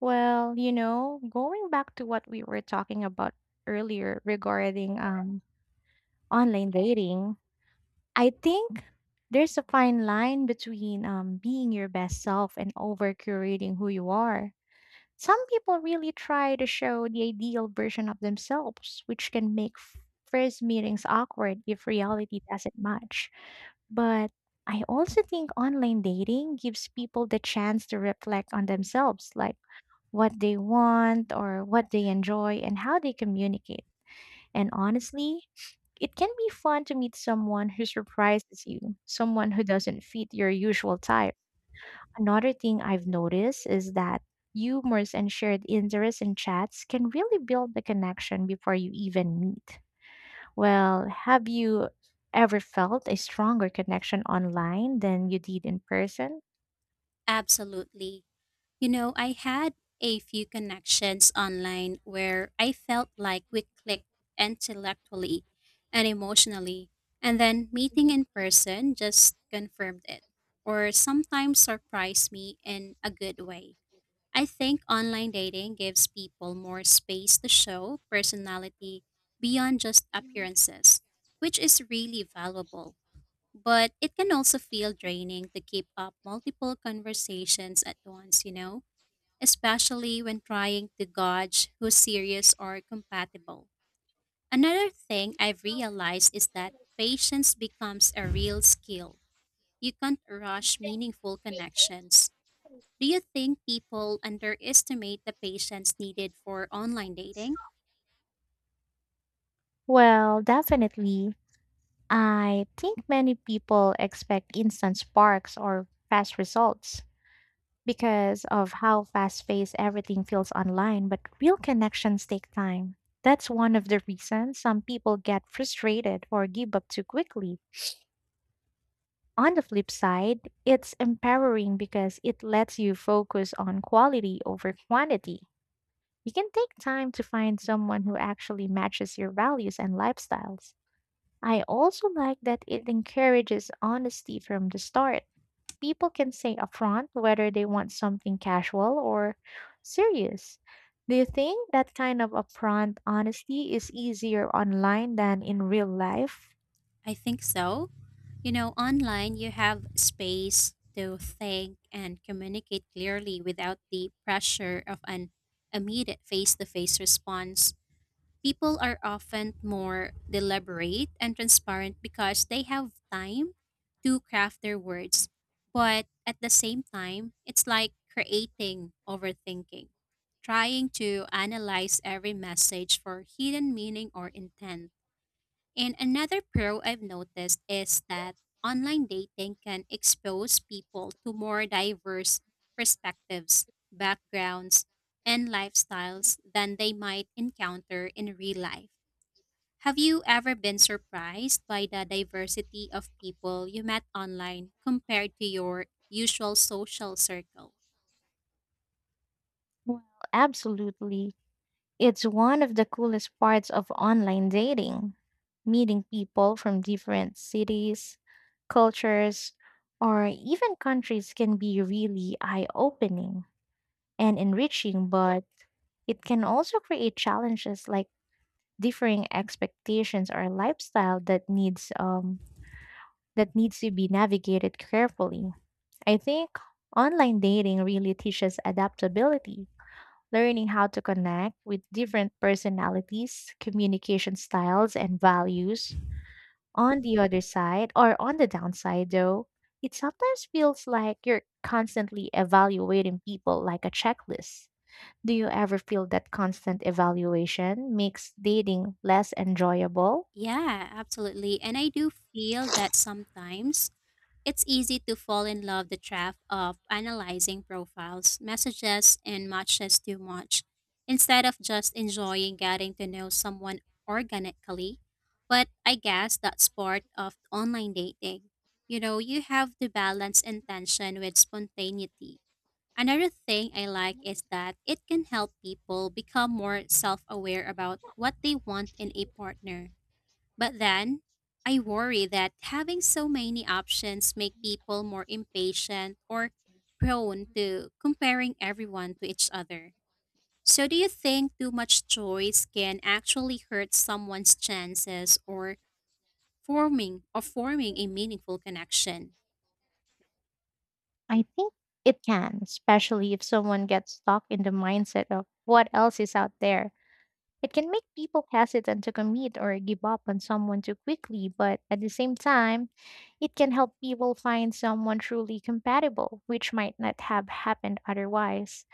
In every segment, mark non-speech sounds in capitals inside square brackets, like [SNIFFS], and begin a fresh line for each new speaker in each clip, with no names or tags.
Well, you know, going back to what we were talking about earlier regarding online dating, I think there's a fine line between being your best self and over curating who you are. Some people really try to show the ideal version of themselves, which can make first meetings awkward if reality doesn't match. But I also think online dating gives people the chance to reflect on themselves, like what they want or what they enjoy and how they communicate. And honestly, it can be fun to meet someone who surprises you, someone who doesn't fit your usual type. Another thing I've noticed is that humors and shared interests in chats can really build the connection before you even meet. Well, have you ever felt a stronger connection online than you did in person?
Absolutely. I had a few connections online where I felt like we clicked intellectually and emotionally, and then meeting in person just confirmed it, or sometimes surprised me in a good way. I think online dating gives people more space to show personality beyond just appearances, which is really valuable. But it can also feel draining to keep up multiple conversations at once, especially when trying to gauge who's serious or compatible. Another thing I've realized is that patience becomes a real skill. You can't rush meaningful connections. Do you think people underestimate the patience needed for online dating?
Well, definitely. I think many people expect instant sparks or fast results because of how fast paced everything feels online, but real connections take time. That's one of the reasons some people get frustrated or give up too quickly. On the flip side, it's empowering because it lets you focus on quality over quantity. You can take time to find someone who actually matches your values and lifestyles. I also like that it encourages honesty from the start. People can say upfront whether they want something casual or serious. Do you think that kind of upfront honesty is easier online than in real life?
I think so. Online you have space to think and communicate clearly without the pressure of an immediate face to face response. People are often more deliberate and transparent because they have time to craft their words. But at the same time, it's like creating overthinking, trying to analyze every message for hidden meaning or intent, and another pro I've noticed is that online dating can expose people to more diverse perspectives, backgrounds, and lifestyles than they might encounter in real life. Have you ever been surprised by the diversity of people you met online compared to your usual social circle?
Well, absolutely. It's one of the coolest parts of online dating. Meeting people from different cities, cultures, or even countries can be really eye opening and enriching, but it can also create challenges like differing expectations or lifestyle that needs to be navigated carefully. I think online dating really teaches adaptability, learning how to connect with different personalities, communication styles and values. On the other side or on the downside though, it sometimes feels like you're constantly evaluating people like a checklist. Do you ever feel that constant evaluation makes dating less enjoyable?
Yeah, absolutely. And I do feel that sometimes it's easy to fall in love the trap of analyzing profiles, messages, and matches too much, instead of just enjoying getting to know someone organically. But I guess that's part of online dating. You have to balance intention with spontaneity. Another thing I like is that it can help people become more self aware about what they want in a partner, but then, I worry that having so many options make people more impatient or prone to comparing everyone to each other. So do you think too much choice can actually hurt someone's chances or forming a meaningful connection?
I think it can, especially if someone gets stuck in the mindset of what else is out there. It can make people hesitant to commit or give up on someone too quickly, but at the same time, it can help people find someone truly compatible, which might not have happened otherwise.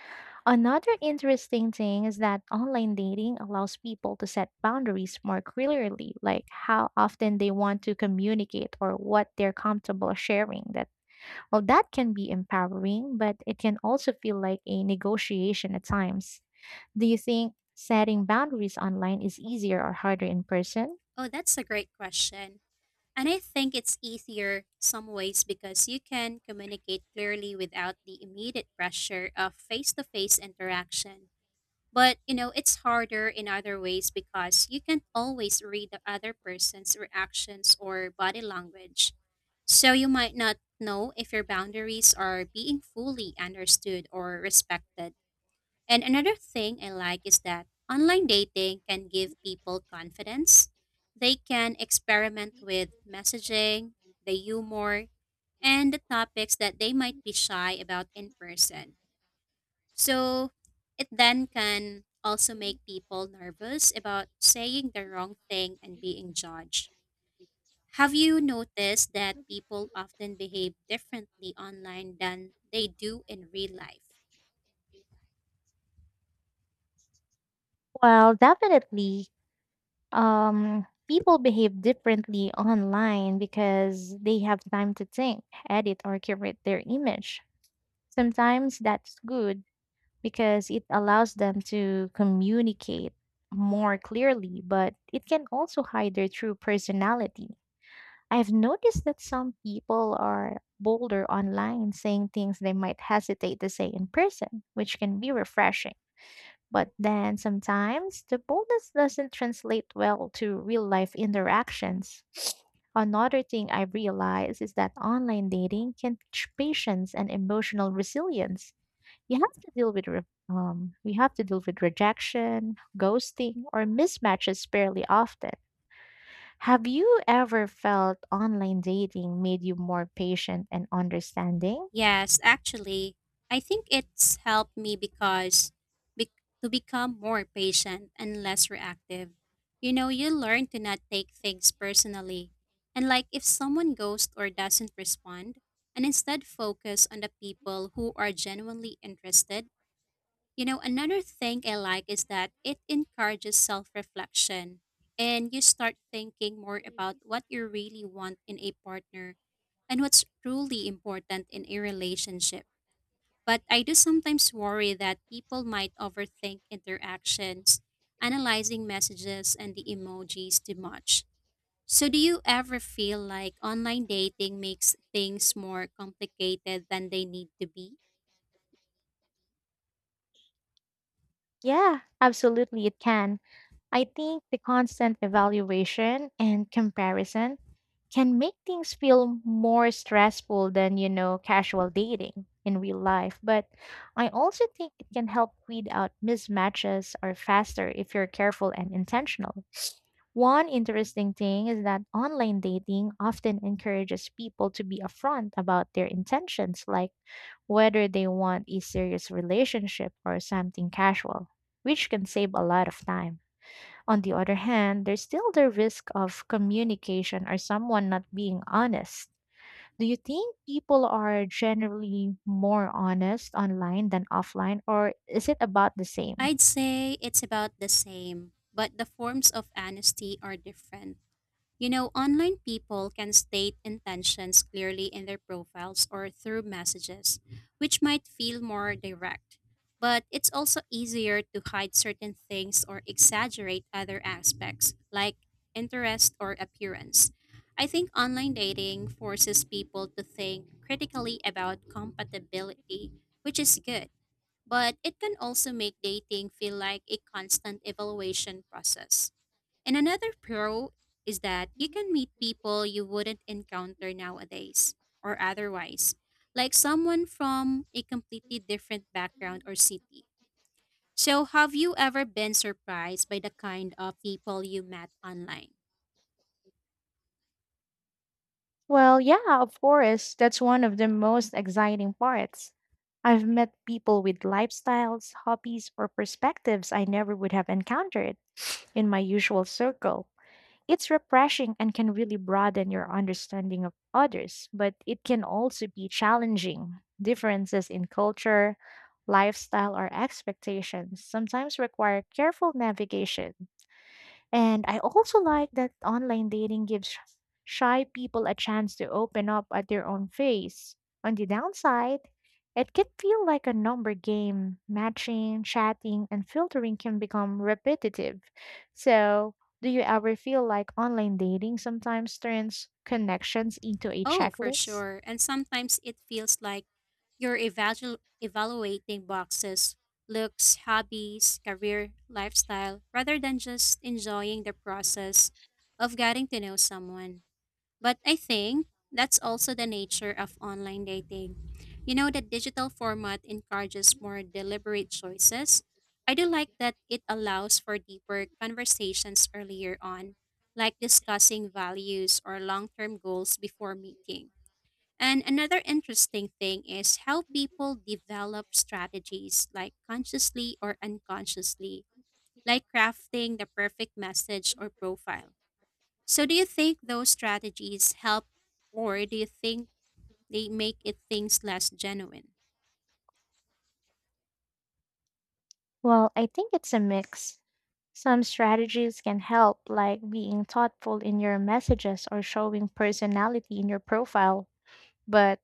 Another interesting thing is that online dating allows people to set boundaries more clearly, like how often they want to communicate or what they're comfortable sharing. That can be empowering, but it can also feel like a negotiation at times. Do you think setting boundaries online is easier or harder in person?
Oh, that's a great question. And I think it's easier some ways because you can communicate clearly without the immediate pressure of face-to-face interaction. But, it's harder in other ways because you can't always read the other person's reactions or body language. So you might not know if your boundaries are being fully understood or respected. And another thing I like is that online dating can give people confidence. They can experiment with messaging, the humor, and the topics that they might be shy about in person. So it then can also make people nervous about saying the wrong thing and being judged. Have you noticed that people often behave differently online than they do in real life?
Well, definitely. People behave differently online because they have time to think, edit, or curate their image. Sometimes that's good because it allows them to communicate more clearly, but it can also hide their true personality. I've noticed that some people are bolder online, saying things they might hesitate to say in person, which can be refreshing. But then sometimes the boldness doesn't translate well to real life interactions. Another thing I've realized is that online dating can teach patience and emotional resilience. You have to deal with we have to deal with rejection, ghosting, or mismatches fairly often. Have you ever felt online dating made you more patient and understanding?
Yes, actually, I think it's helped me be- to become more patient and less reactive. You learn to not take things personally. And like if someone ghosts or doesn't respond, and instead focus on the people who are genuinely interested. Another thing I like is that it encourages self reflection and you start thinking more about what you really want in a partner and what's truly important in a relationship. But I do sometimes worry that people might overthink interactions, analyzing messages and the emojis too much. So, do you ever feel like online dating makes things more complicated than they need to be?
Yeah, absolutely, it can. I think the constant evaluation and comparison can make things feel more stressful than, you know, casual dating in real life. But I also think it can help weed out mismatches or faster if you're careful and intentional. One interesting thing is that online dating often encourages people to be upfront about their intentions, like whether they want a serious relationship or something casual, which can save a lot of time. On the other hand, there's still the risk of communication or someone not being honest. Do you think people are generally more honest online than offline, or is it about the same?
I'd say it's about the same, but the forms of honesty are different. Online people can state intentions clearly in their profiles or through messages, which might feel more direct. But it's also easier to hide certain things or exaggerate other aspects, like interest or appearance. I think online dating forces people to think critically about compatibility, which is good, but it can also make dating feel like a constant evaluation process. And another pro is that you can meet people you wouldn't encounter nowadays or otherwise, like someone from a completely different background or city. So, have you ever been surprised by the kind of people you met online?
Well, yeah, of course. That's one of the most exciting parts. I've met people with lifestyles, hobbies, or perspectives I never would have encountered in my usual circle. It's refreshing and can really broaden your understanding of others, but it can also be challenging. Differences in culture, lifestyle, or expectations sometimes require careful navigation. And I also like that online dating gives shy people a chance to open up at their own pace. On the downside, it can feel like a number game. Matching, chatting, and filtering can become repetitive. So, do you ever feel like online dating sometimes turns connections into a
Oh, for
checklist?
sure. And sometimes it feels like you're evaluating boxes, looks, hobbies, career, lifestyle, rather than just enjoying the process of getting to know someone. But I think that's also the nature of online dating. The digital format encourages more deliberate choices. I do like that it allows for deeper conversations earlier on, like discussing values or long term goals before meeting. And another interesting thing is how people develop strategies, like consciously or unconsciously, like crafting the perfect message or profile. So do you think those strategies help or do you think they make it things less genuine?
Well, I think it's a mix. Some strategies can help, like being thoughtful in your messages or showing personality in your profile, but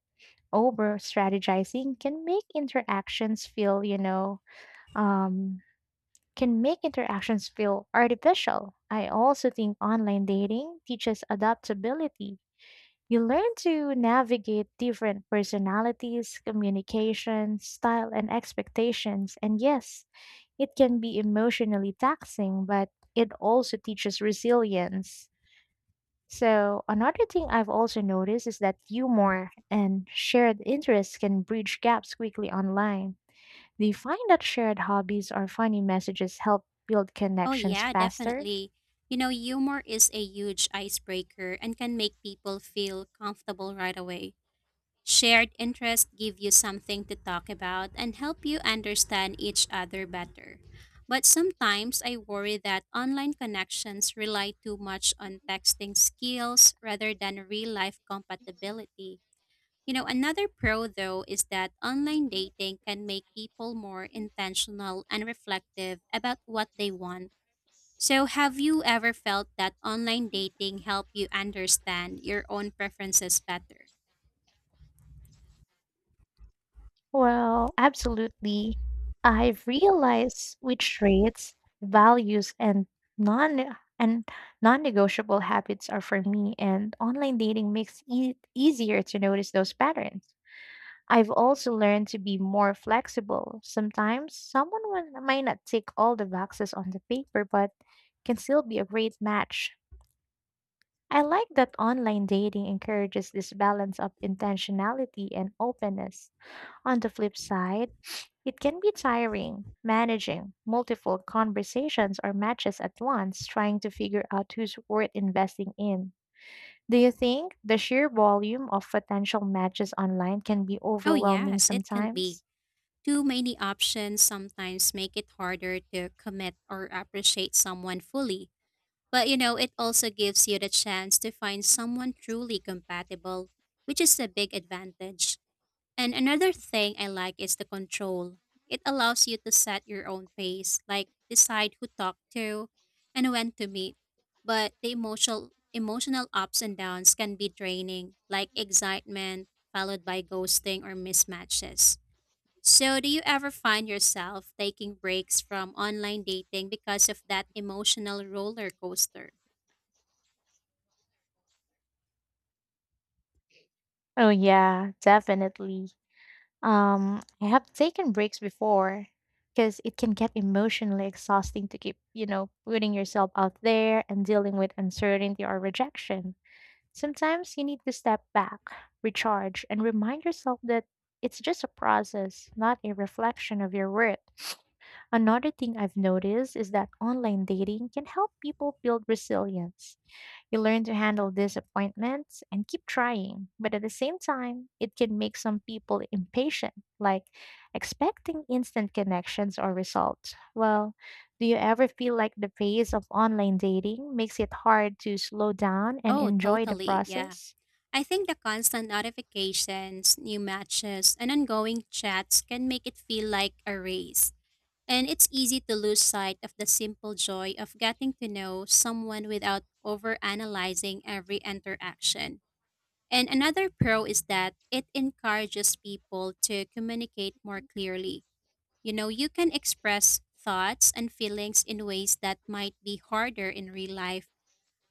over strategizing can make interactions feel you know um, can make interactions feel artificial. I also think online dating teaches adaptability. You learn to navigate different personalities, communication style and expectations, and yes, it can be emotionally taxing, but it also teaches resilience. So, another thing I've also noticed is that humor and shared interests can bridge gaps quickly online. Do you find that shared hobbies or funny messages help build
Oh
connections
yeah,
faster?
definitely. Humor is a huge icebreaker and can make people feel comfortable right away. Shared interests give you something to talk about and help you understand each other better. But sometimes I worry that online connections rely too much on texting skills rather than real life compatibility. Another pro though is that online dating can make people more intentional and reflective about what they want. So, have you ever felt that online dating help you understand your own preferences better?
Well, absolutely. I've realized which traits, values, and non and non-negotiable habits are for me, and online dating makes it easier to notice those patterns. I've also learned to be more flexible. Sometimes someone might not tick all the boxes on the paper, but can still be a great match. I like that online dating encourages this balance of intentionality and openness. On the flip side, it can be tiring managing multiple conversations or matches at once, trying to figure out who's worth investing in. Do you think the sheer volume of potential matches online can be
Oh,
overwhelming
yes, it can be.
sometimes?
Too many options sometimes make it harder to commit or appreciate someone fully. But it also gives you the chance to find someone truly compatible, which is a big advantage. And another thing I like is the control. It allows you to set your own pace, like decide who to talk to and when to meet. But the emotional ups and downs can be draining, like excitement followed by ghosting or mismatches. So, do you ever find yourself taking breaks from online dating because of that emotional roller coaster?
Oh yeah, definitely. I have taken breaks before because it can get emotionally exhausting to keep, you know, putting yourself out there and dealing with uncertainty or rejection. Sometimes you need to step back, recharge, and remind yourself that it's just a process, not a reflection of your worth. [SNIFFS] Another thing I've noticed is that online dating can help people build resilience. You learn to handle disappointments and keep trying, but at the same time, it can make some people impatient, like expecting instant connections or results. Well, do you ever feel like the pace of online dating makes it hard to slow down and
Oh,
enjoy the
totally. Yeah.
process?
I think the constant notifications, new matches, and ongoing chats can make it feel like a race. And it's easy to lose sight of the simple joy of getting to know someone without overanalyzing every interaction. And another pro is that it encourages people to communicate more clearly. You can express thoughts and feelings in ways that might be harder in real life,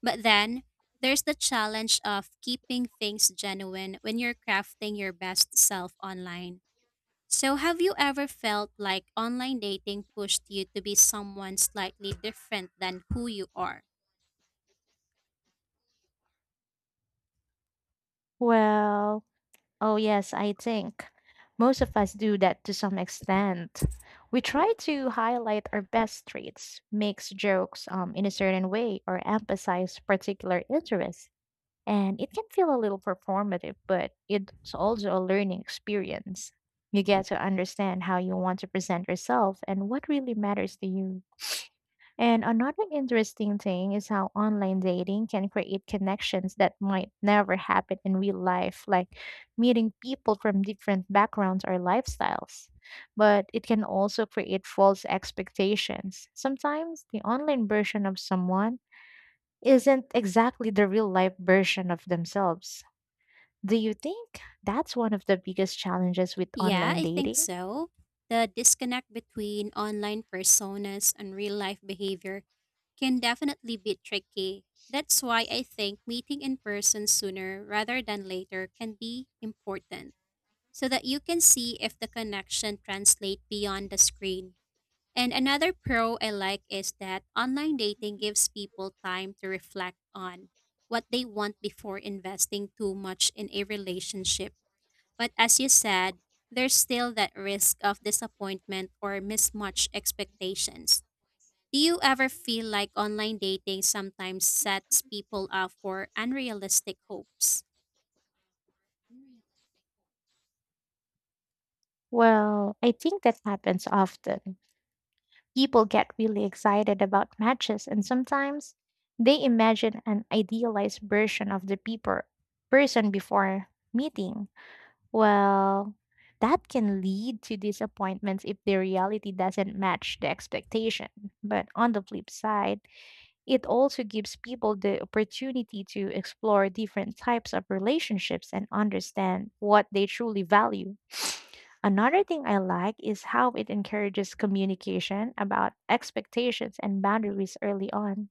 but then there's the challenge of keeping things genuine when you're crafting your best self online. So, have you ever felt like online dating pushed you to be someone slightly different than who you are?
Well, oh yes, I think most of us do that to some extent. We try to highlight our best traits, makes jokes, in a certain way, or emphasize particular interests, and it can feel a little performative, but it's also a learning experience. You get to understand how you want to present yourself and what really matters to you. And another interesting thing is how online dating can create connections that might never happen in real life, like meeting people from different backgrounds or lifestyles. But it can also create false expectations. Sometimes the online version of someone isn't exactly the real life version of themselves. Do you think that's one of the biggest challenges with
Yeah,
online
I think
dating?
so. The disconnect between online personas and real life behavior can definitely be tricky. That's why I think meeting in person sooner rather than later can be important, so that you can see if the connection translate beyond the screen. And another pro I like is that online dating gives people time to reflect on what they want before investing too much in a relationship. But as you said, there's still that risk of disappointment or mismatched expectations. Do you ever feel like online dating sometimes sets people up for unrealistic hopes?
Well, I think that happens often. People get really excited about matches, and sometimes they imagine an idealized version of the person before meeting. Well, that can lead to disappointments if the reality doesn't match the expectation. But on the flip side, it also gives people the opportunity to explore different types of relationships and understand what they truly value. Another thing I like is how it encourages communication about expectations and boundaries early on.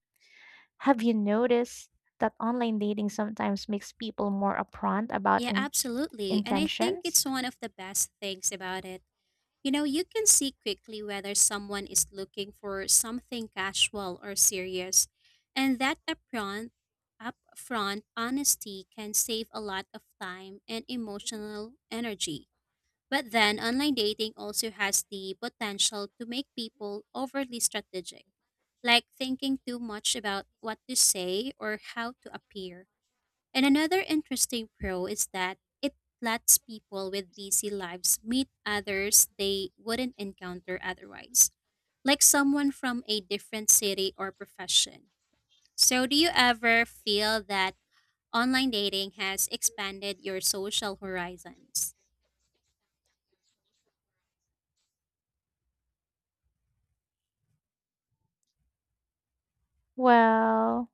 Have you noticed that online dating sometimes makes people more upfront about
Yeah, absolutely. And I think
intentions?
it's one of the best things about it. You can see quickly whether someone is looking for something casual or serious, and that upfront honesty can save a lot of time and emotional energy. But then, online dating also has the potential to make people overly strategic, like thinking too much about what to say or how to appear. And another interesting pro is that it lets people with busy lives meet others they wouldn't encounter otherwise, like someone from a different city or profession. So, do you ever feel that online dating has expanded your social horizons?
Well,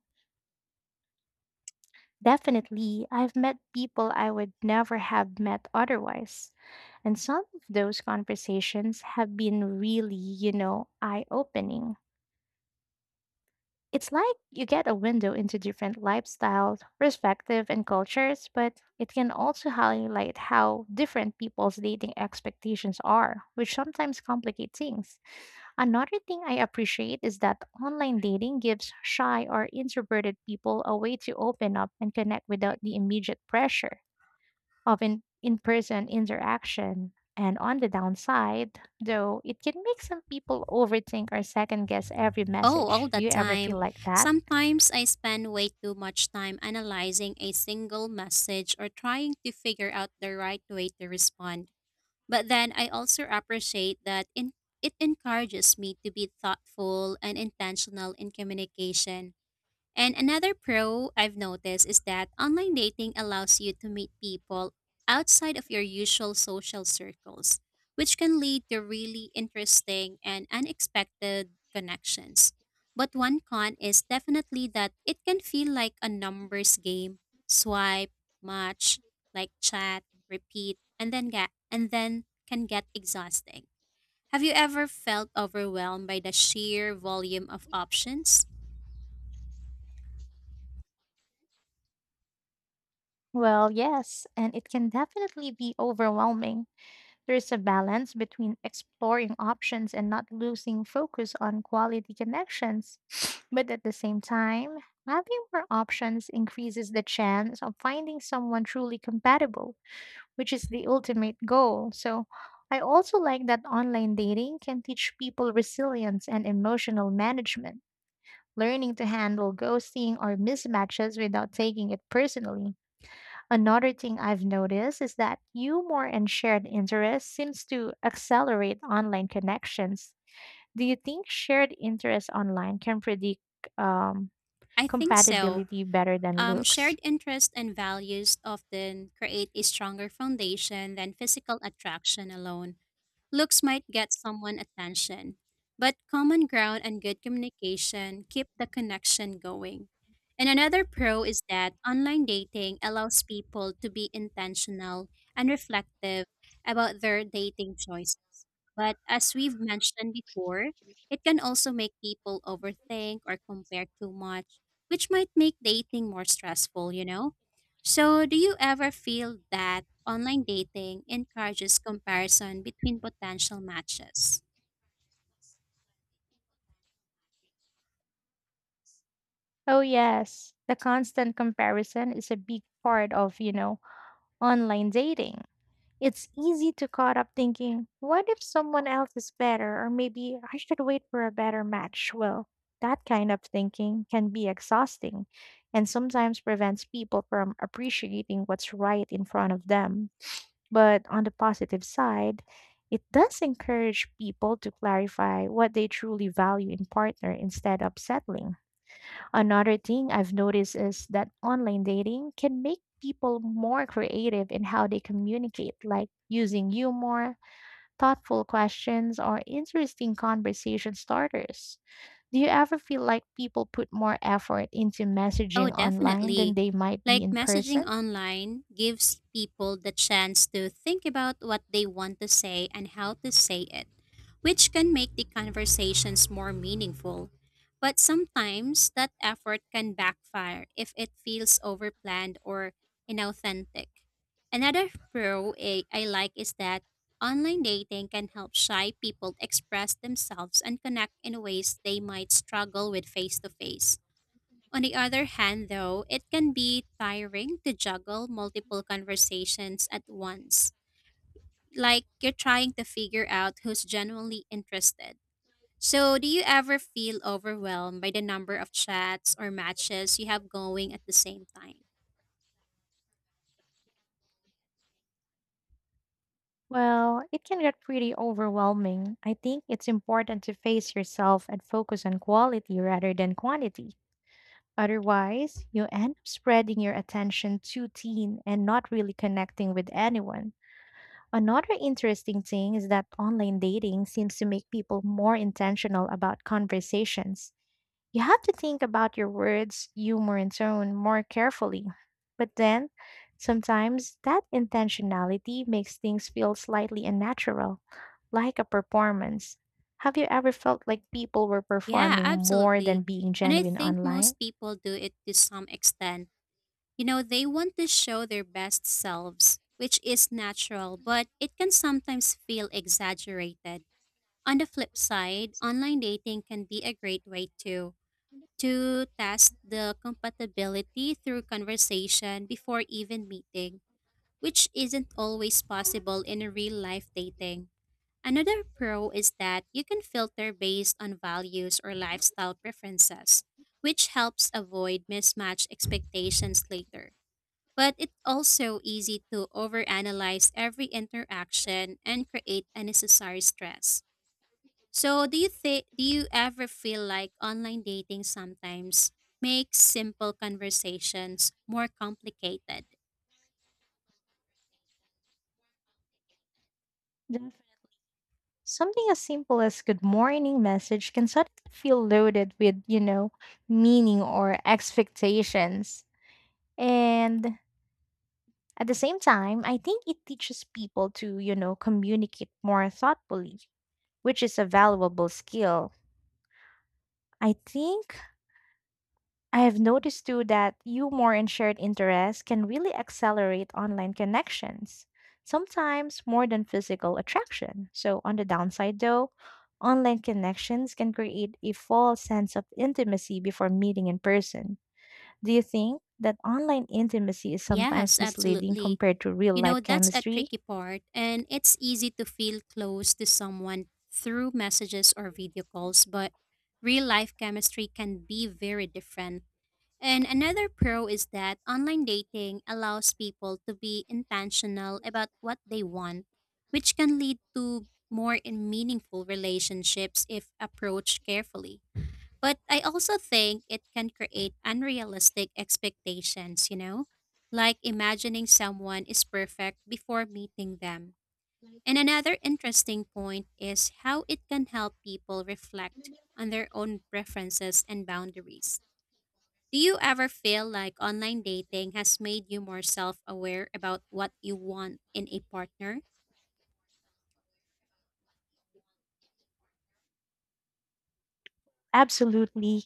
definitely. I've met people I would never have met otherwise. And some of those conversations have been really, you know, eye opening. It's like you get a window into different lifestyles, perspectives, and cultures, but it can also highlight how different people's dating expectations are, which sometimes complicate things. Another thing I appreciate is that online dating gives shy or introverted people a way to open up and connect without the immediate pressure of in person interaction. And on the downside, though, it can make some people overthink or second guess every
Oh, all
message.
the
Do you ever feel
time.
like that?
Sometimes I spend way too much time analyzing a single message or trying to figure out the right way to respond. But then I also appreciate that it encourages me to be thoughtful and intentional in communication, and another pro I've noticed is that online dating allows you to meet people outside of your usual social circles, which can lead to really interesting and unexpected connections. But one con is definitely that it can feel like a numbers game, swipe, match, like chat, repeat, and then can get exhausting. Have you ever felt overwhelmed by the sheer volume of options?
Well, yes, and it can definitely be overwhelming. There's a balance between exploring options and not losing focus on quality connections. [SNIFFS] But at the same time, having more options increases the chance of finding someone truly compatible, which is the ultimate goal. So I also like that online dating can teach people resilience and emotional management, learning to handle ghosting or mismatches without taking it personally. Another thing I've noticed is that humor and shared interests seems to accelerate online connections. Do you think shared interests online can predict um,
I think so.
compatibility better than looks?
Shared interests and values often create a stronger foundation than physical attraction alone. Looks might get someone attention, but common ground and good communication keep the connection going. And another pro is that online dating allows people to be intentional and reflective about their dating choices. But as we've mentioned before, it can also make people overthink or compare too much, which might make dating more stressful, So, do you ever feel that? Online dating encourages comparison between potential matches.
Oh yes, the constant comparison is a big part of, you know, online dating. It's easy to caught up thinking, what if someone else is better or maybe I should wait for a better match? Well, that kind of thinking can be exhausting and sometimes prevents people from appreciating what's right in front of them. But on the positive side, it does encourage people to clarify what they truly value in partner instead of settling. Another thing I've noticed is that online dating can make people more creative in how they communicate, like using humor, thoughtful questions, or interesting conversation starters. Do you ever feel like people put more effort into
Oh,
messaging online than
definitely.
they might be
Like
in
messaging
person?
online gives people the chance to think about what they want to say and how to say it, which can make the conversations more meaningful. But sometimes that effort can backfire if it feels overplanned or inauthentic. Another pro I like is that online dating can help shy people express themselves and connect in ways they might struggle with face to face. On the other hand, though, it can be tiring to juggle multiple conversations at once, like you're trying to figure out who's genuinely interested. So, do you ever feel overwhelmed by the number of chats or matches you have going at the same time?
Well, it can get pretty overwhelming. I think it's important to face yourself and focus on quality rather than quantity. Otherwise, you end up spreading your attention too thin and not really connecting with anyone. Another interesting thing is that online dating seems to make people more intentional about conversations. You have to think about your words, humor, and tone more carefully. But then, sometimes that intentionality makes things feel slightly unnatural, like a performance. Have you ever felt like people were
Yeah,
performing more than
absolutely.
being
And I
genuine
think
online?
most people do it to some extent. They want to show their best selves, which is natural, but it can sometimes feel exaggerated. On the flip side, online dating can be a great way to test the compatibility through conversation before even meeting, which isn't always possible in real life dating. Another pro is that you can filter based on values or lifestyle preferences, which helps avoid mismatched expectations later. But it's also easy to overanalyze every interaction and create unnecessary stress. So, do you ever feel like online dating sometimes makes simple conversations more complicated?
Something as simple as good morning message can suddenly feel loaded with, meaning or expectations. And at the same time, I think it teaches people to, communicate more thoughtfully, which is a valuable skill. I think I have noticed too that humor and shared interests can really accelerate online connections, sometimes more than physical attraction. So, on the downside though, online connections can create a false sense of intimacy before meeting in person. Do you think that online intimacy is
Yes,
sometimes misleading
absolutely.
compared to real life
That's a
chemistry?
tricky part, and it's easy to feel close to someone through messages or video calls, but real life chemistry can be very different. And another pro is that online dating allows people to be intentional about what they want, which can lead to more and meaningful relationships if approached carefully. But I also think it can create unrealistic expectations, like imagining someone is perfect before meeting them. And another interesting point is how it can help people reflect on their own preferences and boundaries. Do you ever feel like online dating has made you more self aware about what you want in a partner?
Absolutely.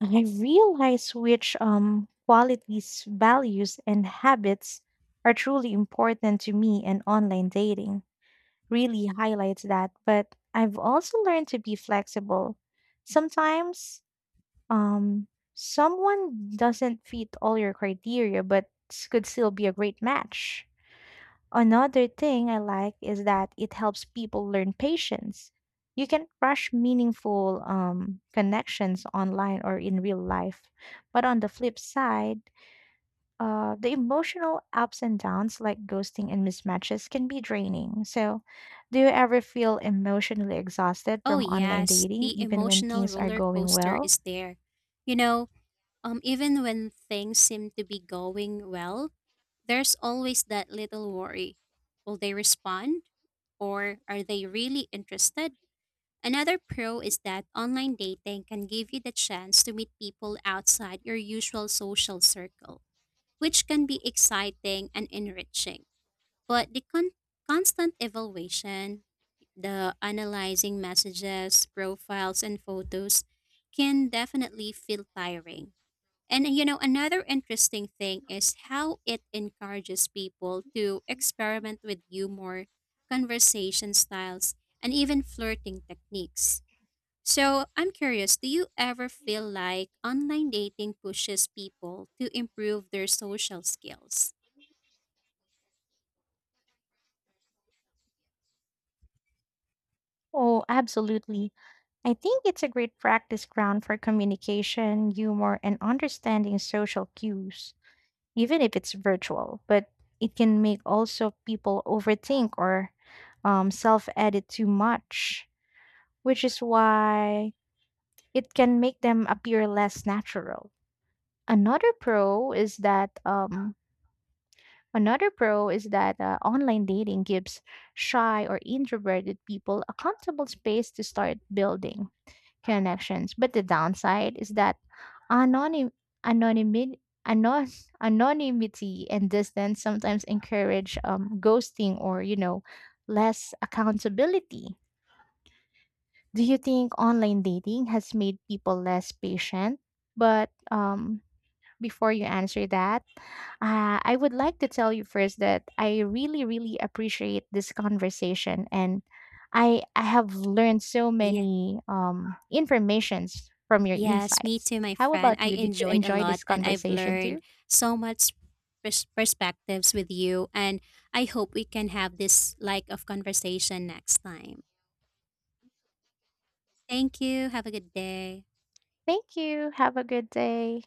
I realize which qualities, values, and habits are truly important to me, and online dating really highlights that. But I've also learned to be flexible. Sometimes um, someone doesn't fit all your criteria, but could still be a great match. Another thing I like is that it helps people learn patience. You can rush meaningful connections online or in real life. But on the flip side, the emotional ups and downs like ghosting and mismatches can be draining. So, do you ever feel emotionally exhausted
Oh,
from online
yes,
dating,
the
even when
emotional
things are
roller
going
coaster
well?
is there. You know, even when things seem to be going well, there's always that little worry. Will they respond? Or are they really interested? Another pro is that online dating can give you the chance to meet people outside your usual social circle, which can be exciting and enriching. But the constant evaluation, the analyzing messages, profiles, and photos can definitely feel tiring. And another interesting thing is how it encourages people to experiment with humor, conversation styles, and even flirting techniques. So I'm curious, do you ever feel like online dating pushes people to improve their social skills?
Oh, absolutely. I think it's a great practice ground for communication, humor, and understanding social cues, even if it's virtual, but it can make also people overthink or self edit too much, which is why it can make them appear less natural. Another pro is that online dating gives shy or introverted people a comfortable space to start building connections. But the downside is that anonym, anonymity, anon, anonymity and distance sometimes encourage ghosting or, you know, less accountability. Do you think online dating has made people less patient? But Before you answer that, I would like to tell you first that I really, really appreciate this conversation, and I have learned so
Yeah.
many informations from your
Yes, me
insights.
too, my
How
friend.
about
I
you? Did you
enjoyed a
enjoy
lot
this
and I've
conversation
learned
too?
so much perspectives with you. And I hope we can have this like of conversation next time. Thank you. Have a good day.
Thank you. Have a good day.